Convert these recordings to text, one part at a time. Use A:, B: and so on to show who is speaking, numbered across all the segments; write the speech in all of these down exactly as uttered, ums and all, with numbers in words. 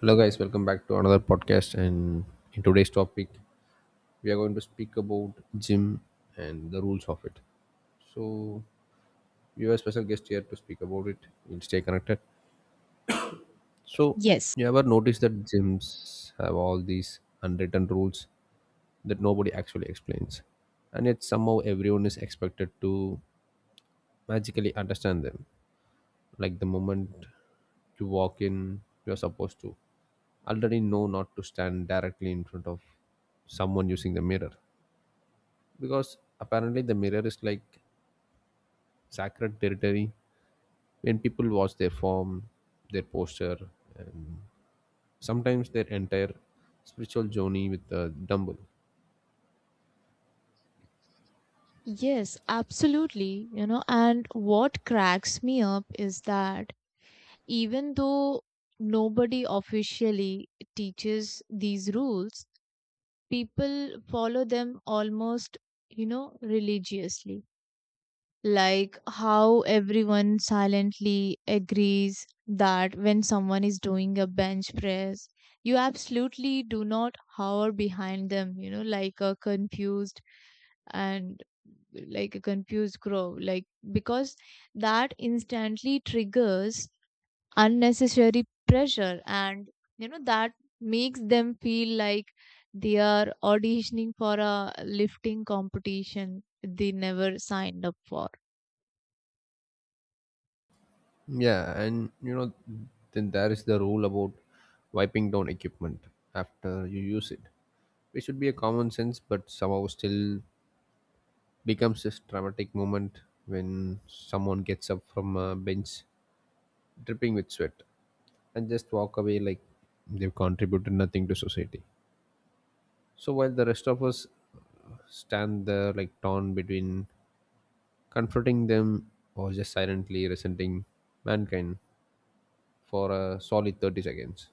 A: Hello, guys, welcome back to another podcast. And in today's topic, we are going to speak about gym and the rules of it. So, we have a special guest here to speak about it. We'll stay connected. So,
B: Yes,
A: you ever notice that gyms have all these unwritten rules that nobody actually explains, and yet somehow everyone is expected to magically understand them? Like the moment you walk in, you're supposed to already know not to stand directly in front of someone using the mirror, because apparently the mirror is like sacred territory when people watch their form, their posture, and sometimes their entire spiritual journey with the dumbbell.
B: yes, absolutely. You know, and what cracks me up is that even though nobody officially teaches these rules, people follow them almost, you know, religiously. Like how everyone silently agrees that when someone is doing a bench press, you absolutely do not hover behind them, you know, like a confused and like a confused crow, like, because that instantly triggers unnecessary pressure, and you know that makes them feel like they are auditioning for a lifting competition they never signed up for.
A: Yeah, and you know, then there is the rule about wiping down equipment after you use it, which should be a common sense but somehow still becomes this dramatic moment when someone gets up from a bench dripping with sweat and just walk away like they've contributed nothing to society. So while the rest of us stand there like torn between comforting them or just silently resenting mankind for a solid thirty seconds.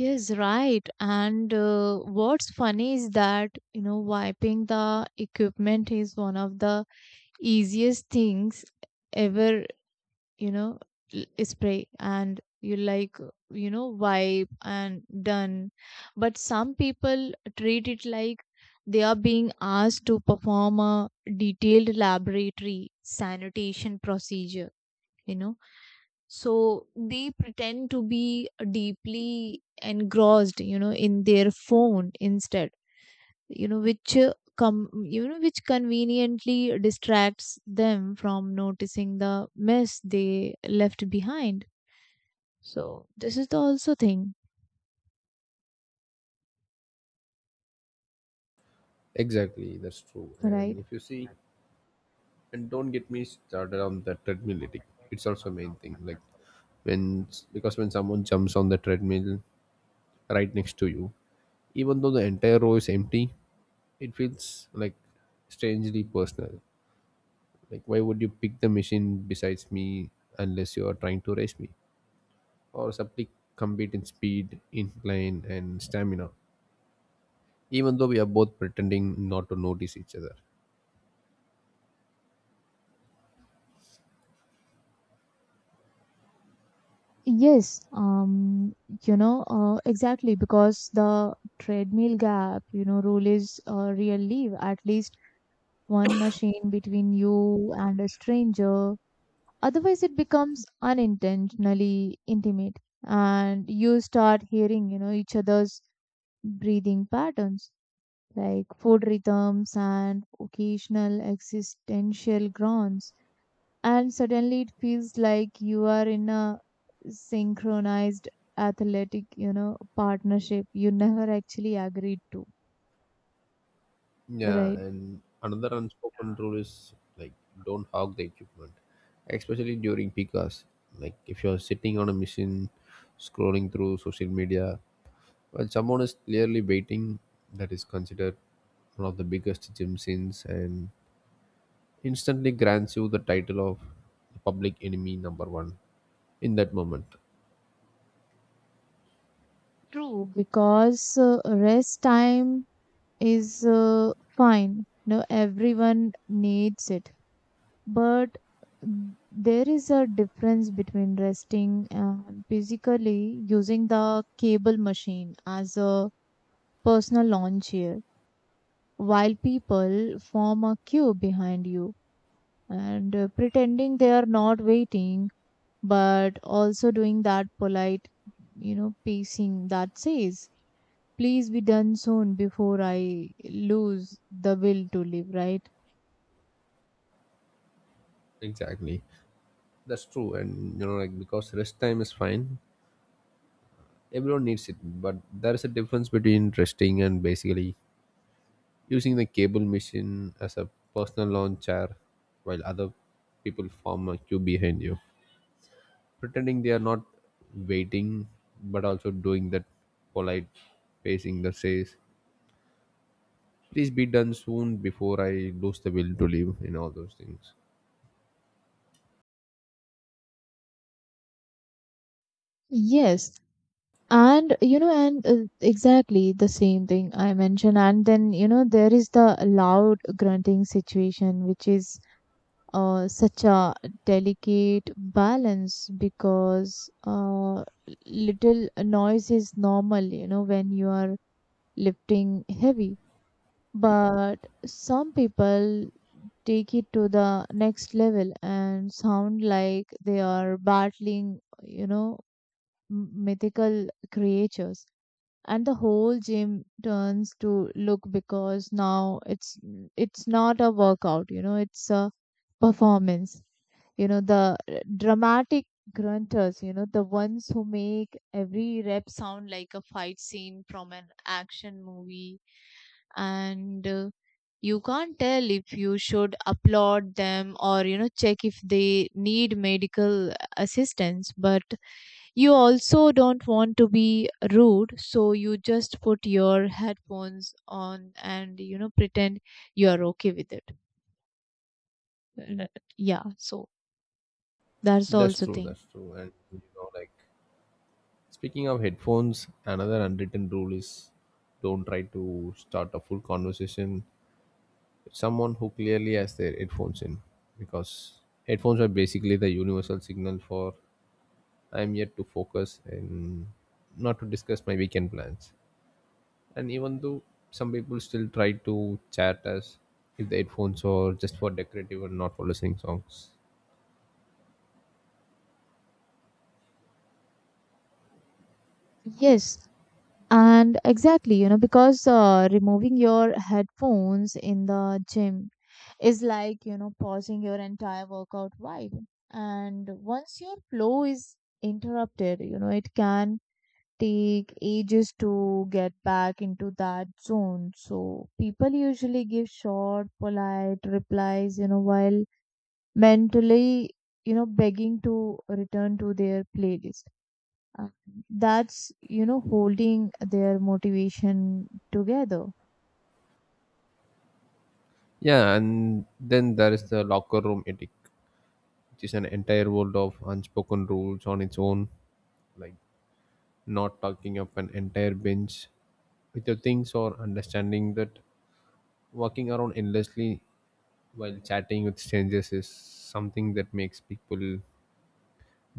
B: Yes, right. And uh, what's funny is that you know wiping the equipment is one of the easiest things ever. you know l- Spray and, you like, you know wipe and done. But some people treat it like they are being asked to perform a detailed laboratory sanitation procedure. you know so they pretend to be deeply engrossed you know in their phone instead, you know which uh, com- you know which conveniently distracts them from noticing the mess they left behind. So this is the also thing,
A: Exactly, that's true. And
B: right?
A: if you see, and don't get me started on the treadmill ethic. It's also a main thing, like when, because when someone jumps on the treadmill right next to you, even though the entire row is empty, it feels like strangely personal. Like, why would you pick the machine besides me unless you are trying to race me? Or simply compete in speed, incline, and stamina, even though we are both pretending not to notice each other.
B: Yes, um, you know, uh, exactly, because the treadmill gap, you know, rule is uh, real. Leave at least one machine between you and a stranger. Otherwise, it becomes unintentionally intimate, and you start hearing, you know, each other's breathing patterns, like food rhythms and occasional existential groans. And suddenly it feels like you are in a synchronized athletic, you know, partnership you never actually agreed to,
A: Yeah,
B: right?
A: and another unspoken rule is like, don't hog the equipment, especially during peak hours. Like if you're sitting on a machine, scrolling through social media, well, someone is clearly baiting, that is considered one of the biggest gym sins and instantly grants you the title of public enemy number one in that moment.
B: True. Because uh, rest time is uh, fine. No, everyone needs it, but mm, there is a difference between resting and physically using the cable machine as a personal lawn chair while people form a queue behind you, and uh, pretending they are not waiting, but also doing that polite, you know pacing that says, please be done soon before I lose the will to live. Right.
A: Exactly. That's true. And you know, like because rest time is fine, everyone needs it. But there is a difference between resting and basically using the cable machine as a personal lawn chair while other people form a queue behind you, pretending they are not waiting but also doing that polite pacing that says, please be done soon before I lose the will to live, and all those things.
B: Yes. And you know, and uh, exactly the same thing I mentioned. And then you know, there is the loud grunting situation, which is uh, such a delicate balance, because uh, little noise is normal. You know, when you are lifting heavy, but some people take it to the next level and sound like they are battling, you know, m- mythical creatures, and the whole gym turns to look because now it's it's not a workout, you know, it's a performance. You know, the uh, dramatic grunters, you know, the ones who make every rep sound like a fight scene from an action movie. And uh, you can't tell if you should applaud them or, you know, check if they need medical assistance. But you also don't want to be rude, so you just put your headphones on and, you know, pretend you are okay with it. Mm. Yeah, so that's the
A: That's
B: also
A: true,
B: thing.
A: that's true. And you know, like speaking of headphones, another unwritten rule is, don't try to start a full conversation with someone who clearly has their headphones in, because headphones are basically the universal signal for I'm yet to focus and not to discuss my weekend plans. And even though some people still try to chat as if the headphones are just for decorative and not for listening songs.
B: Yes, and exactly, you know, because uh, removing your headphones in the gym is like, you know, pausing your entire workout vibe. And once your flow is interrupted, you know, it can take ages to get back into that zone. So people usually give short, polite replies, you know, while mentally, you know, begging to return to their playlist. Uh, That's, you know, holding their motivation together.
A: Yeah, and then there is the locker room etiquette, which is an entire world of unspoken rules on its own. Like not talking up an entire bench with your things, or understanding that walking around endlessly while chatting with strangers is something that makes people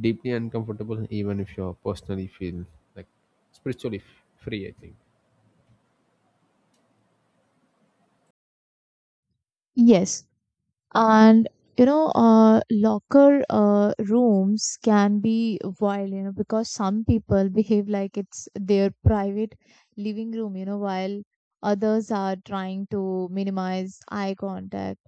A: deeply uncomfortable, even if you personally feel like spiritually f- free, I think.
B: Yes, and you know uh, locker uh, rooms can be wild, you know, because some people behave like it's their private living room, you know, while others are trying to minimize eye contact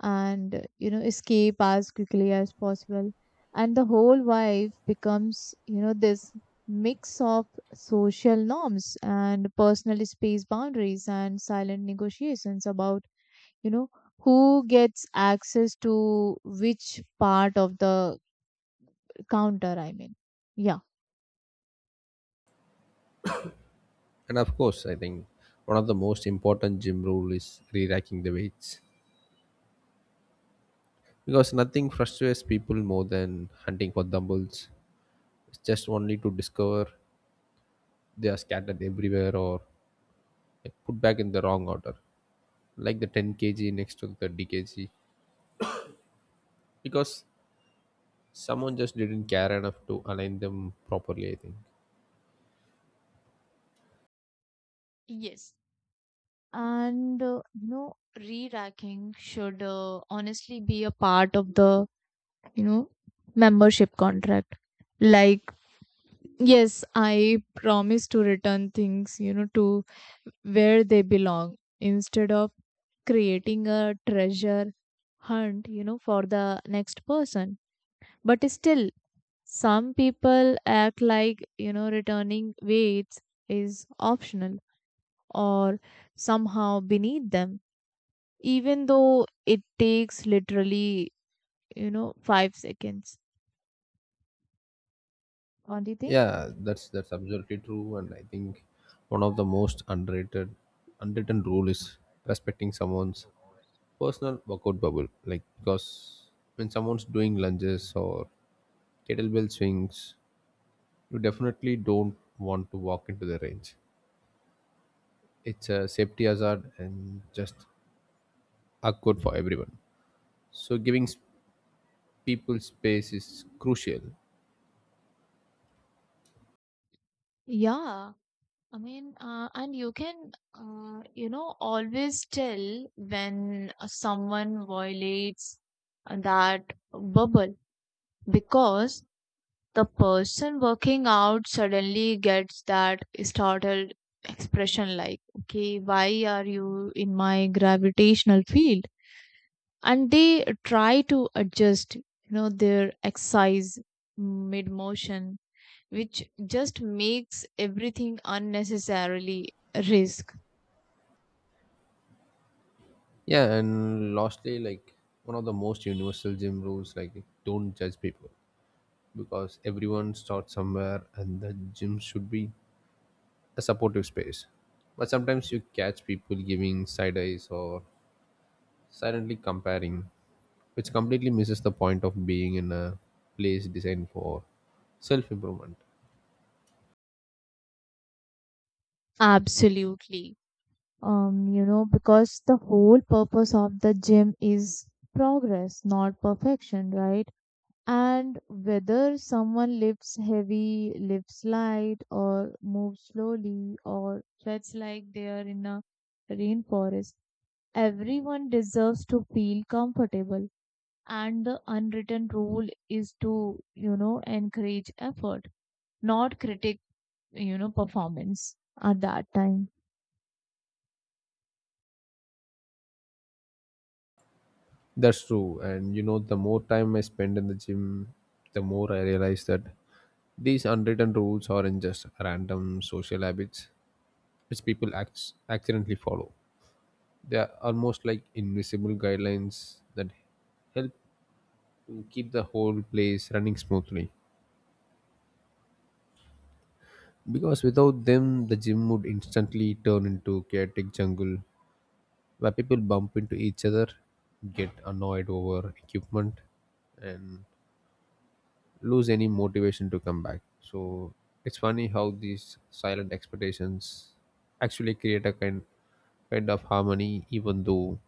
B: and, you know, escape as quickly as possible. And the whole vibe becomes, you know, this mix of social norms and personal space boundaries and silent negotiations about, you know, who gets access to which part of the counter, I mean. Yeah.
A: And of course, I think one of the most important gym rule is re-racking the weights, because nothing frustrates people more than hunting for dumbbells. It's just only to discover they are scattered everywhere, or like, put back in the wrong order, like the ten kilograms next to the thirty kilograms, because someone just didn't care enough to align them properly, I think.
B: Yes. And uh, you know, re-racking should uh, honestly be a part of the, you know, membership contract. Like, yes, I promise to return things, you know, to where they belong, instead of creating a treasure hunt, you know, for the next person. But still, some people act like, you know, returning weights is optional or somehow beneath them, even though it takes literally, you know, five seconds. What do you think?
A: Yeah, that's that's absolutely true, and I think one of the most underrated, unwritten rule is respecting someone's personal workout bubble, like because when someone's doing lunges or kettlebell swings, you definitely don't want to walk into the range. It's a safety hazard and just awkward for everyone. So giving s- people space is crucial.
B: Yeah, I mean, uh, and you can, uh, you know, always tell when someone violates that bubble, because the person working out suddenly gets that startled expression, like, okay, why are you in my gravitational field? And they try to adjust, you know, their exercise mid motion, which just makes everything unnecessarily risk.
A: Yeah, and lastly, like one of the most universal gym rules, like don't judge people, because everyone starts somewhere and the gym should be a supportive space, but sometimes you catch people giving side eyes or silently comparing, which completely misses the point of being in a place designed for self improvement.
B: Absolutely. Um, you know, because the whole purpose of the gym is progress, not perfection, right? And whether someone lifts heavy, lifts light, or moves slowly, or sweats like they are in a rainforest, everyone deserves to feel comfortable. And the unwritten rule is to, you know, encourage effort, not critic, you know, performance at that time.
A: That's true. And you know, the more time I spend in the gym, the more I realize that these unwritten rules aren't just random social habits which people act accidentally follow. They are almost like invisible guidelines that help to keep the whole place running smoothly. Because without them, the gym would instantly turn into chaotic jungle where people bump into each other, get annoyed over equipment, and lose any motivation to come back. So it's funny how these silent expectations actually create a kind kind of harmony, even though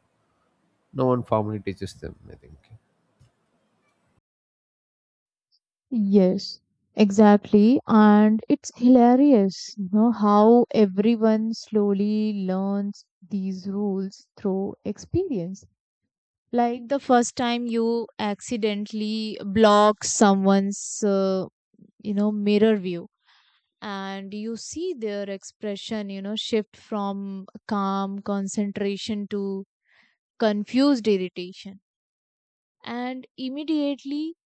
A: no one formally teaches them, I think.
B: Yes, exactly. And it's hilarious, you know, how everyone slowly learns these rules through experience. Like the first time you accidentally block someone's, uh, you know, mirror view and you see their expression, you know, shift from calm concentration to confused irritation. And immediately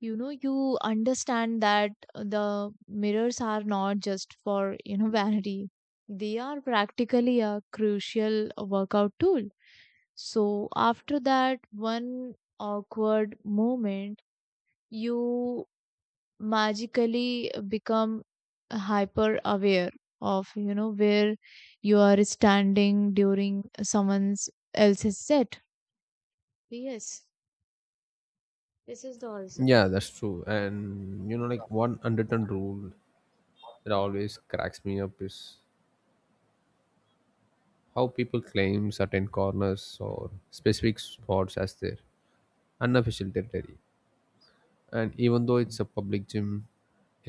B: you know you understand that the mirrors are not just for, you know, vanity. They are practically a crucial workout tool. So after that one awkward moment, you magically become hyper aware of, you know, where you are standing during someone's else's set. Yes, this is the also
A: Yeah,
B: thing.
A: that's true. And you know, like one unwritten rule that always cracks me up is how people claim certain corners or specific spots as their unofficial territory. And even though it's a public gym,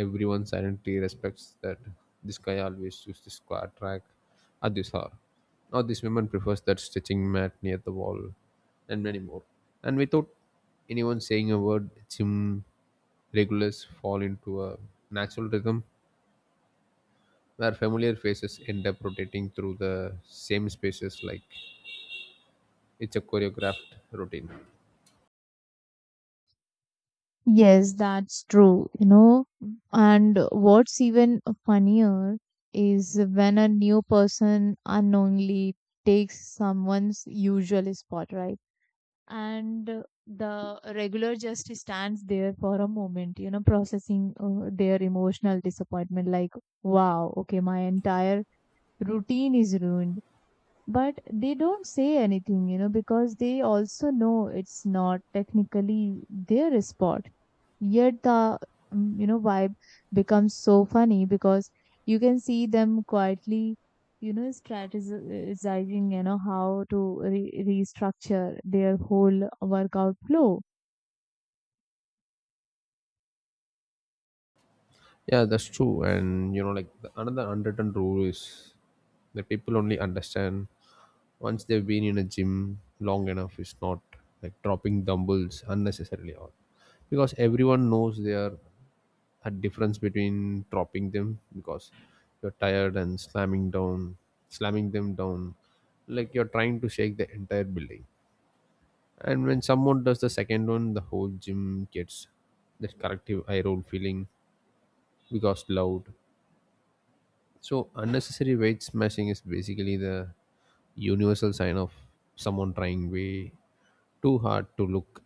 A: everyone silently respects that this guy always uses the squat rack at this hour, or this woman prefers that stretching mat near the wall, and many more. And without anyone saying a word, gym regulars fall into a natural rhythm where familiar faces end up rotating through the same spaces like it's a choreographed routine.
B: Yes, that's true, you know. And what's even funnier is when a new person unknowingly takes someone's usual spot, right? And the regular just stands there for a moment, you know, processing uh, their emotional disappointment, like, wow, okay, my entire routine is ruined. But they don't say anything, you know, because they also know it's not technically their spot. Yet the, mm, you know, vibe becomes so funny, because you can see them quietly, you know, strategizing, you know, how to re restructure their whole workout flow.
A: Yeah, that's true. And you know, like the, another unwritten rule is that people only understand once they've been in a gym long enough. It's not like dropping dumbbells unnecessarily, or because everyone knows there are a difference between dropping them because you're tired and slamming down, slamming them down, like you're trying to shake the entire building. And when someone does the second one, the whole gym gets that collective eye roll feeling, because loud so unnecessary weight smashing is basically the universal sign of someone trying way too hard to look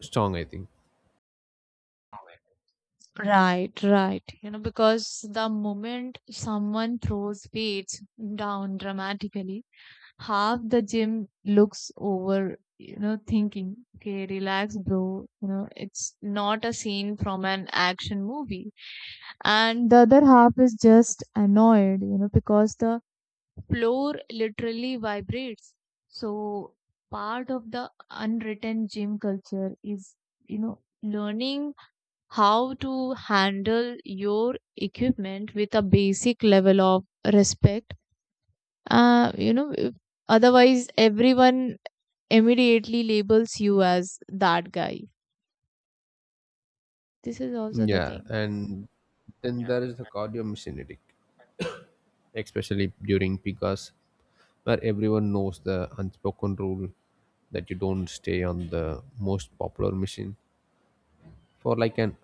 A: strong, I think.
B: Right, right. You know, because the moment someone throws weights down dramatically, half the gym looks over, you know, thinking, okay, relax, bro. You know, it's not a scene from an action movie. And the other half is just annoyed, you know, because the floor literally vibrates. So part of the unwritten gym culture is, you know, learning how to handle your equipment with a basic level of respect. Uh, you know, otherwise everyone immediately labels you as that guy. This is also the
A: Yeah,
B: thing.
A: and then there is the cardio mimetic, especially during peak hours, where everyone knows the unspoken rule that you don't stay on the most popular machine for like an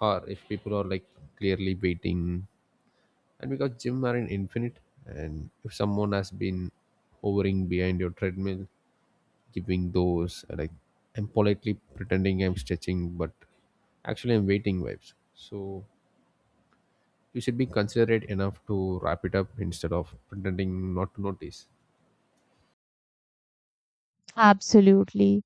A: hour if people are like clearly waiting, and because gym are in infinite, and if someone has been hovering behind your treadmill giving those uh, like, I'm politely pretending I'm stretching, but actually I'm waiting vibes. So you should be considerate enough to wrap it up instead of pretending not to notice.
B: Absolutely.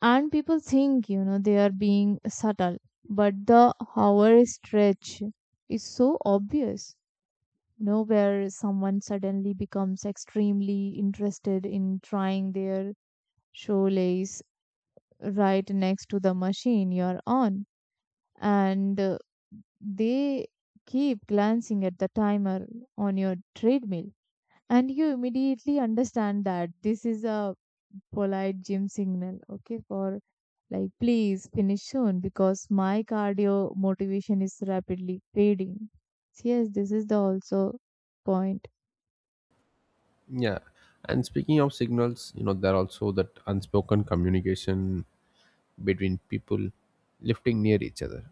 B: And people think, you know, they are being subtle, but the hour stretch is so obvious. You know, where someone suddenly becomes extremely interested in trying their shoelace right next to the machine you're on. And uh, they keep glancing at the timer on your treadmill, and you immediately understand that this is a polite gym signal, okay, for like, please finish soon, because my cardio motivation is rapidly fading. So, yes, this is the also point.
A: Yeah. And speaking of signals, you know, there are also that unspoken communication between people lifting near each other.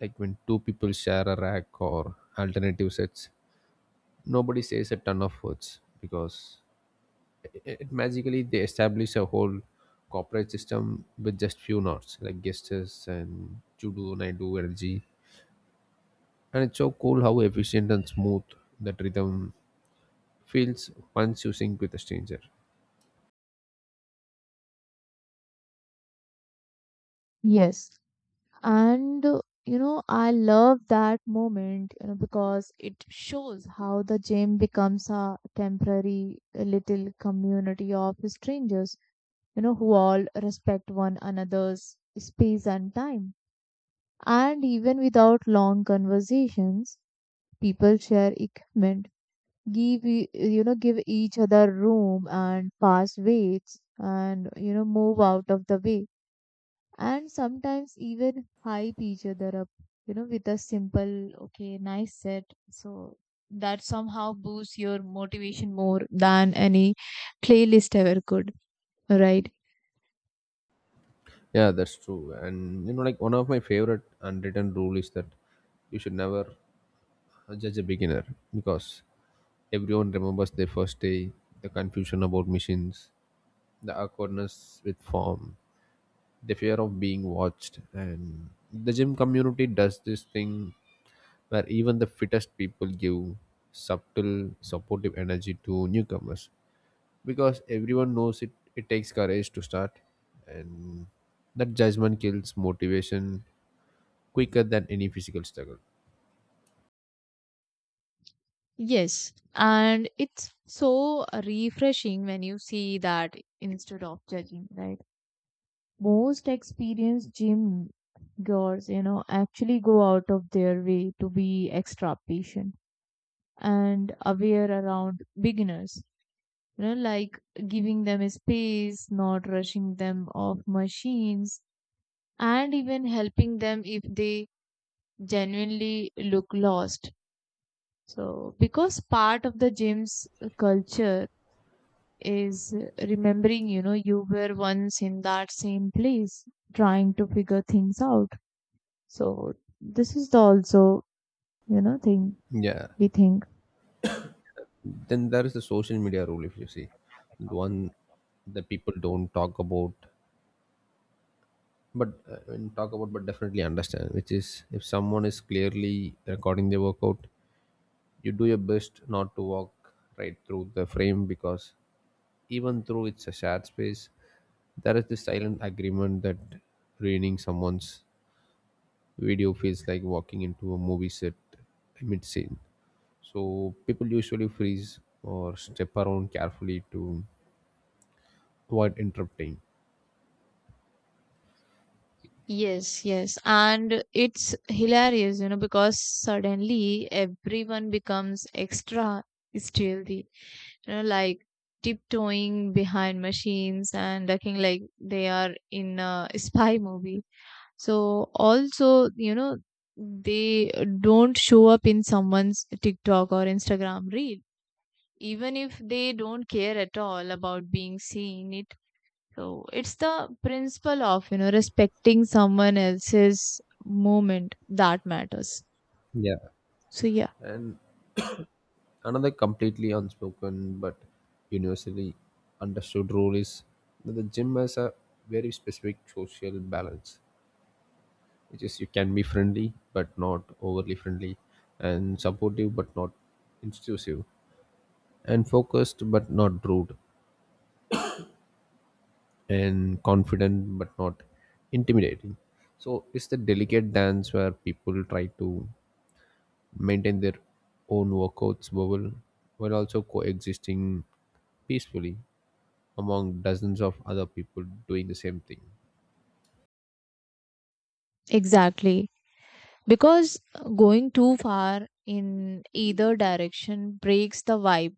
A: Like when two people share a rack or alternative sets, nobody says a ton of words, because it magically they establish a whole corporate system with just few knots like gestures and Chudu, Naidu, energy. And it's so cool how efficient and smooth that rhythm feels once you sync with a stranger.
B: Yes. And uh, you know, I love that moment, you know, because it shows how the gym becomes a temporary uh, little community of strangers, you know, who all respect one another's space and time. And even without long conversations, people share equipment, give e- you know, give each other room and pass weights and, you know, move out of the way. And sometimes even hype each other up, you know, with a simple, okay, nice set. So that somehow boosts your motivation more than any playlist ever could, right?
A: Yeah, that's true. And you know, like one of my favorite unwritten rule is that you should never judge a beginner, because everyone remembers their first day, the confusion about machines, the awkwardness with form, the fear of being watched, and the gym community does this thing where even the fittest people give subtle supportive energy to newcomers, because everyone knows it, it takes courage to start, and that judgment kills motivation quicker than any physical struggle.
B: Yes, and it's so refreshing when you see that instead of judging, right? Most experienced gym goers, you know, actually go out of their way to be extra patient and aware around beginners, you know, like giving them a space, not rushing them off machines, and even helping them if they genuinely look lost. So, because part of the gym's culture is remembering, you know, you were once in that same place trying to figure things out. So this is the also, you know, thing
A: Yeah,
B: we think.
A: then there is the social media rule, if you see, the one that people don't talk about but uh, when talk about but definitely understand, which is, if someone is clearly recording their workout, you do your best not to walk right through the frame, because even though it's a shared space, there is this silent agreement that ruining someone's video feels like walking into a movie set mid scene. So people usually freeze or step around carefully to avoid interrupting.
B: Yes, yes. And it's hilarious, you know, because suddenly everyone becomes extra stealthy, you know, like tiptoeing behind machines and looking like they are in a spy movie. So also, you know, they don't show up in someone's TikTok or Instagram reel, even if they don't care at all about being seen. It so it's the principle of, you know, respecting someone else's moment that matters.
A: Yeah.
B: So yeah.
A: And another completely unspoken but universally understood rule is that the gym has a very specific social balance, which is you can be friendly but not overly friendly, and supportive but not intrusive, and focused but not rude, and confident but not intimidating. So it's the delicate dance where people try to maintain their own workouts bubble while also coexisting peacefully among dozens of other people doing the same thing.
B: Exactly. Because going too far in either direction breaks the vibe,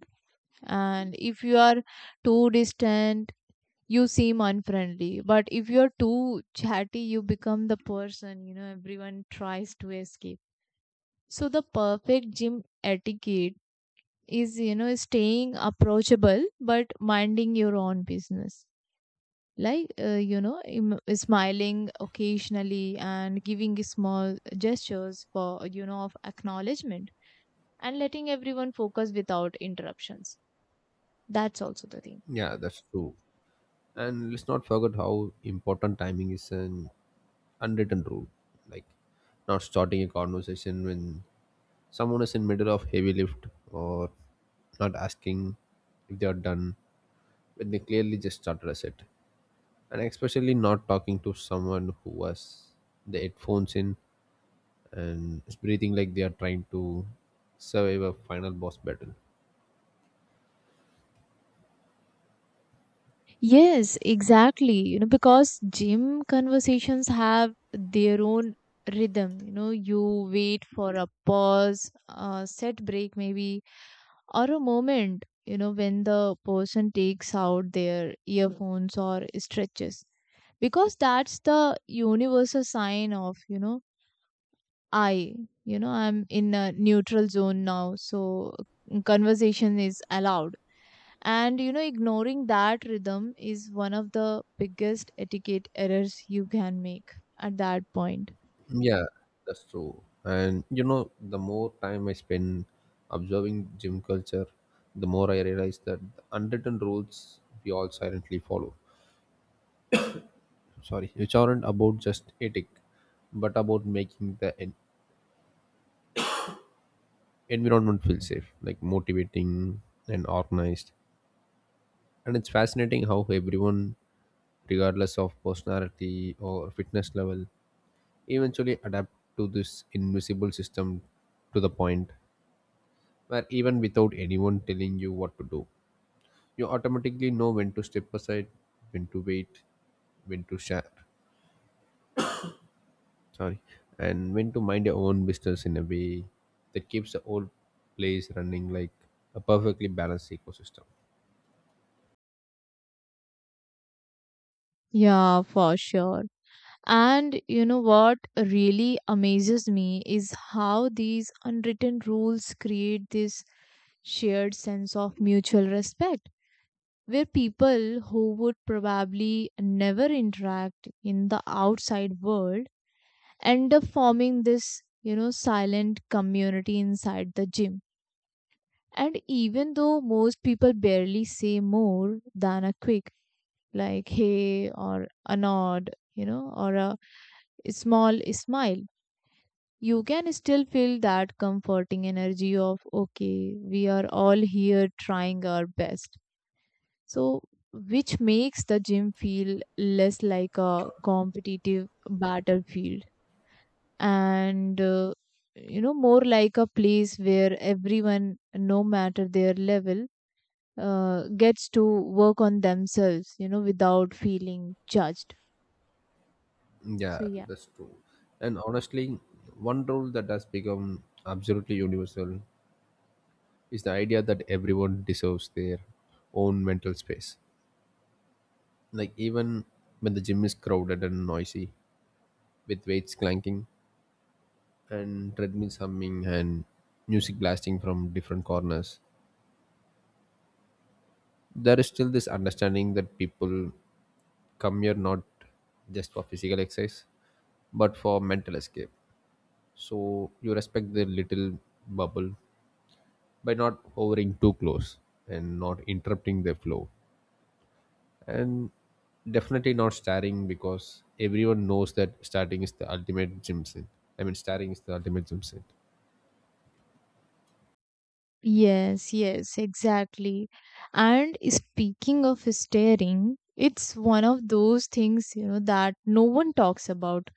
B: and if you are too distant you seem unfriendly, but if you're too chatty you become the person, you know, everyone tries to escape. So the perfect gym etiquette is, you know, staying approachable but minding your own business, like uh, you know, im- smiling occasionally and giving small gestures for, you know, of acknowledgement, and letting everyone focus without interruptions. That's also the thing.
A: Yeah, that's true. And let's not forget how important timing is, and unwritten rule like not starting a conversation when someone is in middle of heavy lift, or not asking if they are done when they clearly just started a set, and especially not talking to someone who has the headphones in and is breathing like they are trying to survive a final boss battle.
B: Yes, exactly. You know, because gym conversations have their own rhythm. You know, you wait for a pause, a set break maybe, or a moment, you know, when the person takes out their earphones or stretches. Because that's the universal sign of, you know, I, you know, I'm in a neutral zone now. So conversation is allowed, and, you know, ignoring that rhythm is one of the biggest etiquette errors you can make at that point.
A: Yeah, that's true. And you know, the more time I spend observing gym culture, the more I realize that the unwritten rules we all silently follow. Sorry, which aren't about just ethic, but about making the en- environment feel safe, like motivating and organized. And it's fascinating how everyone, regardless of personality or fitness level, eventually adapt to this invisible system, to the point where even without anyone telling you what to do, you automatically know when to step aside, when to wait, when to share, sorry, and when to mind your own business in a way that keeps the whole place running like a perfectly balanced ecosystem.
B: Yeah, for sure. And you know what really amazes me is how these unwritten rules create this shared sense of mutual respect, where people who would probably never interact in the outside world end up forming this, you know, silent community inside the gym. And even though most people barely say more than a quick, like, hey or a nod, you know, or a small smile, you can still feel that comforting energy of, okay, we are all here trying our best. So, which makes the gym feel less like a competitive battlefield, and uh, you know, more like a place where everyone, no matter their level, uh, gets to work on themselves, you know, without feeling judged. So
A: Yeah,
B: yeah.
A: that's true. And honestly, one rule that has become absolutely universal is the idea that everyone deserves their own mental space. Like, even when the gym is crowded and noisy, with weights clanking, and treadmills humming, and music blasting from different corners. There is still this understanding that people come here not just for physical exercise, but for mental escape. So you respect their little bubble by not hovering too close and not interrupting their flow. And definitely not staring, because everyone knows that starting is the ultimate gym sin. I mean, staring is the ultimate gym sin.
B: Yes, yes, exactly. And speaking of staring, it's one of those things, you know, that no one talks about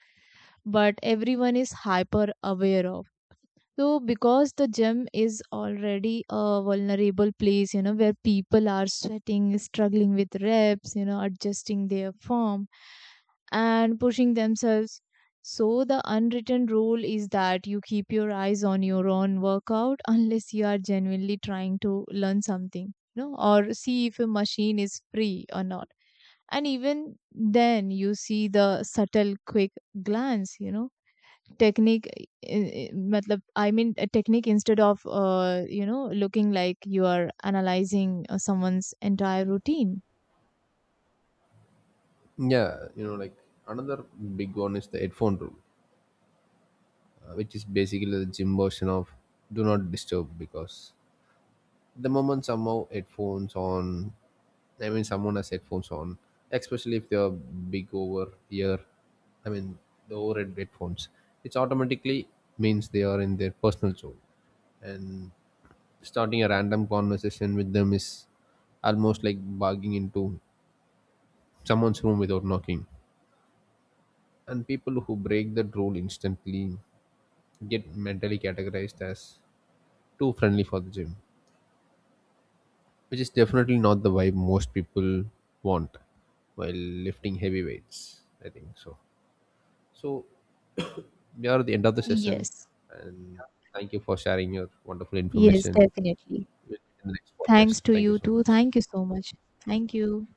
B: but everyone is hyper aware of. So, because the gym is already a vulnerable place, you know, where people are sweating, struggling with reps, you know, adjusting their form and pushing themselves. So, the unwritten rule is that you keep your eyes on your own workout unless you are genuinely trying to learn something, you know, or see if a machine is free or not. And even then, you see the subtle, quick glance, you know technique i- i- matlab, I mean, a technique, instead of uh, you know, looking like you are analyzing uh, someone's entire routine.
A: Yeah, you know, like another big one is the headphone rule. Uh, which is basically the gym version of do not disturb, because the moment somehow headphones on, I mean someone has headphones on, especially if they're big over ear, I mean the overhead headphones, it's automatically means they are in their personal zone. And starting a random conversation with them is almost like barging into someone's room without knocking, and people who break that rule instantly get mentally categorized as too friendly for the gym, which is definitely not the vibe most people want while lifting heavy weights, I think so. So we are at the end of the session,
B: Yes,
A: and thank you for sharing your wonderful
B: yes,
A: information
B: definitely.
A: with- in the next
B: Thanks
A: podcast.
B: to
A: Thank you
B: you
A: so
B: too.
A: much.
B: Thank you so much. Thank you.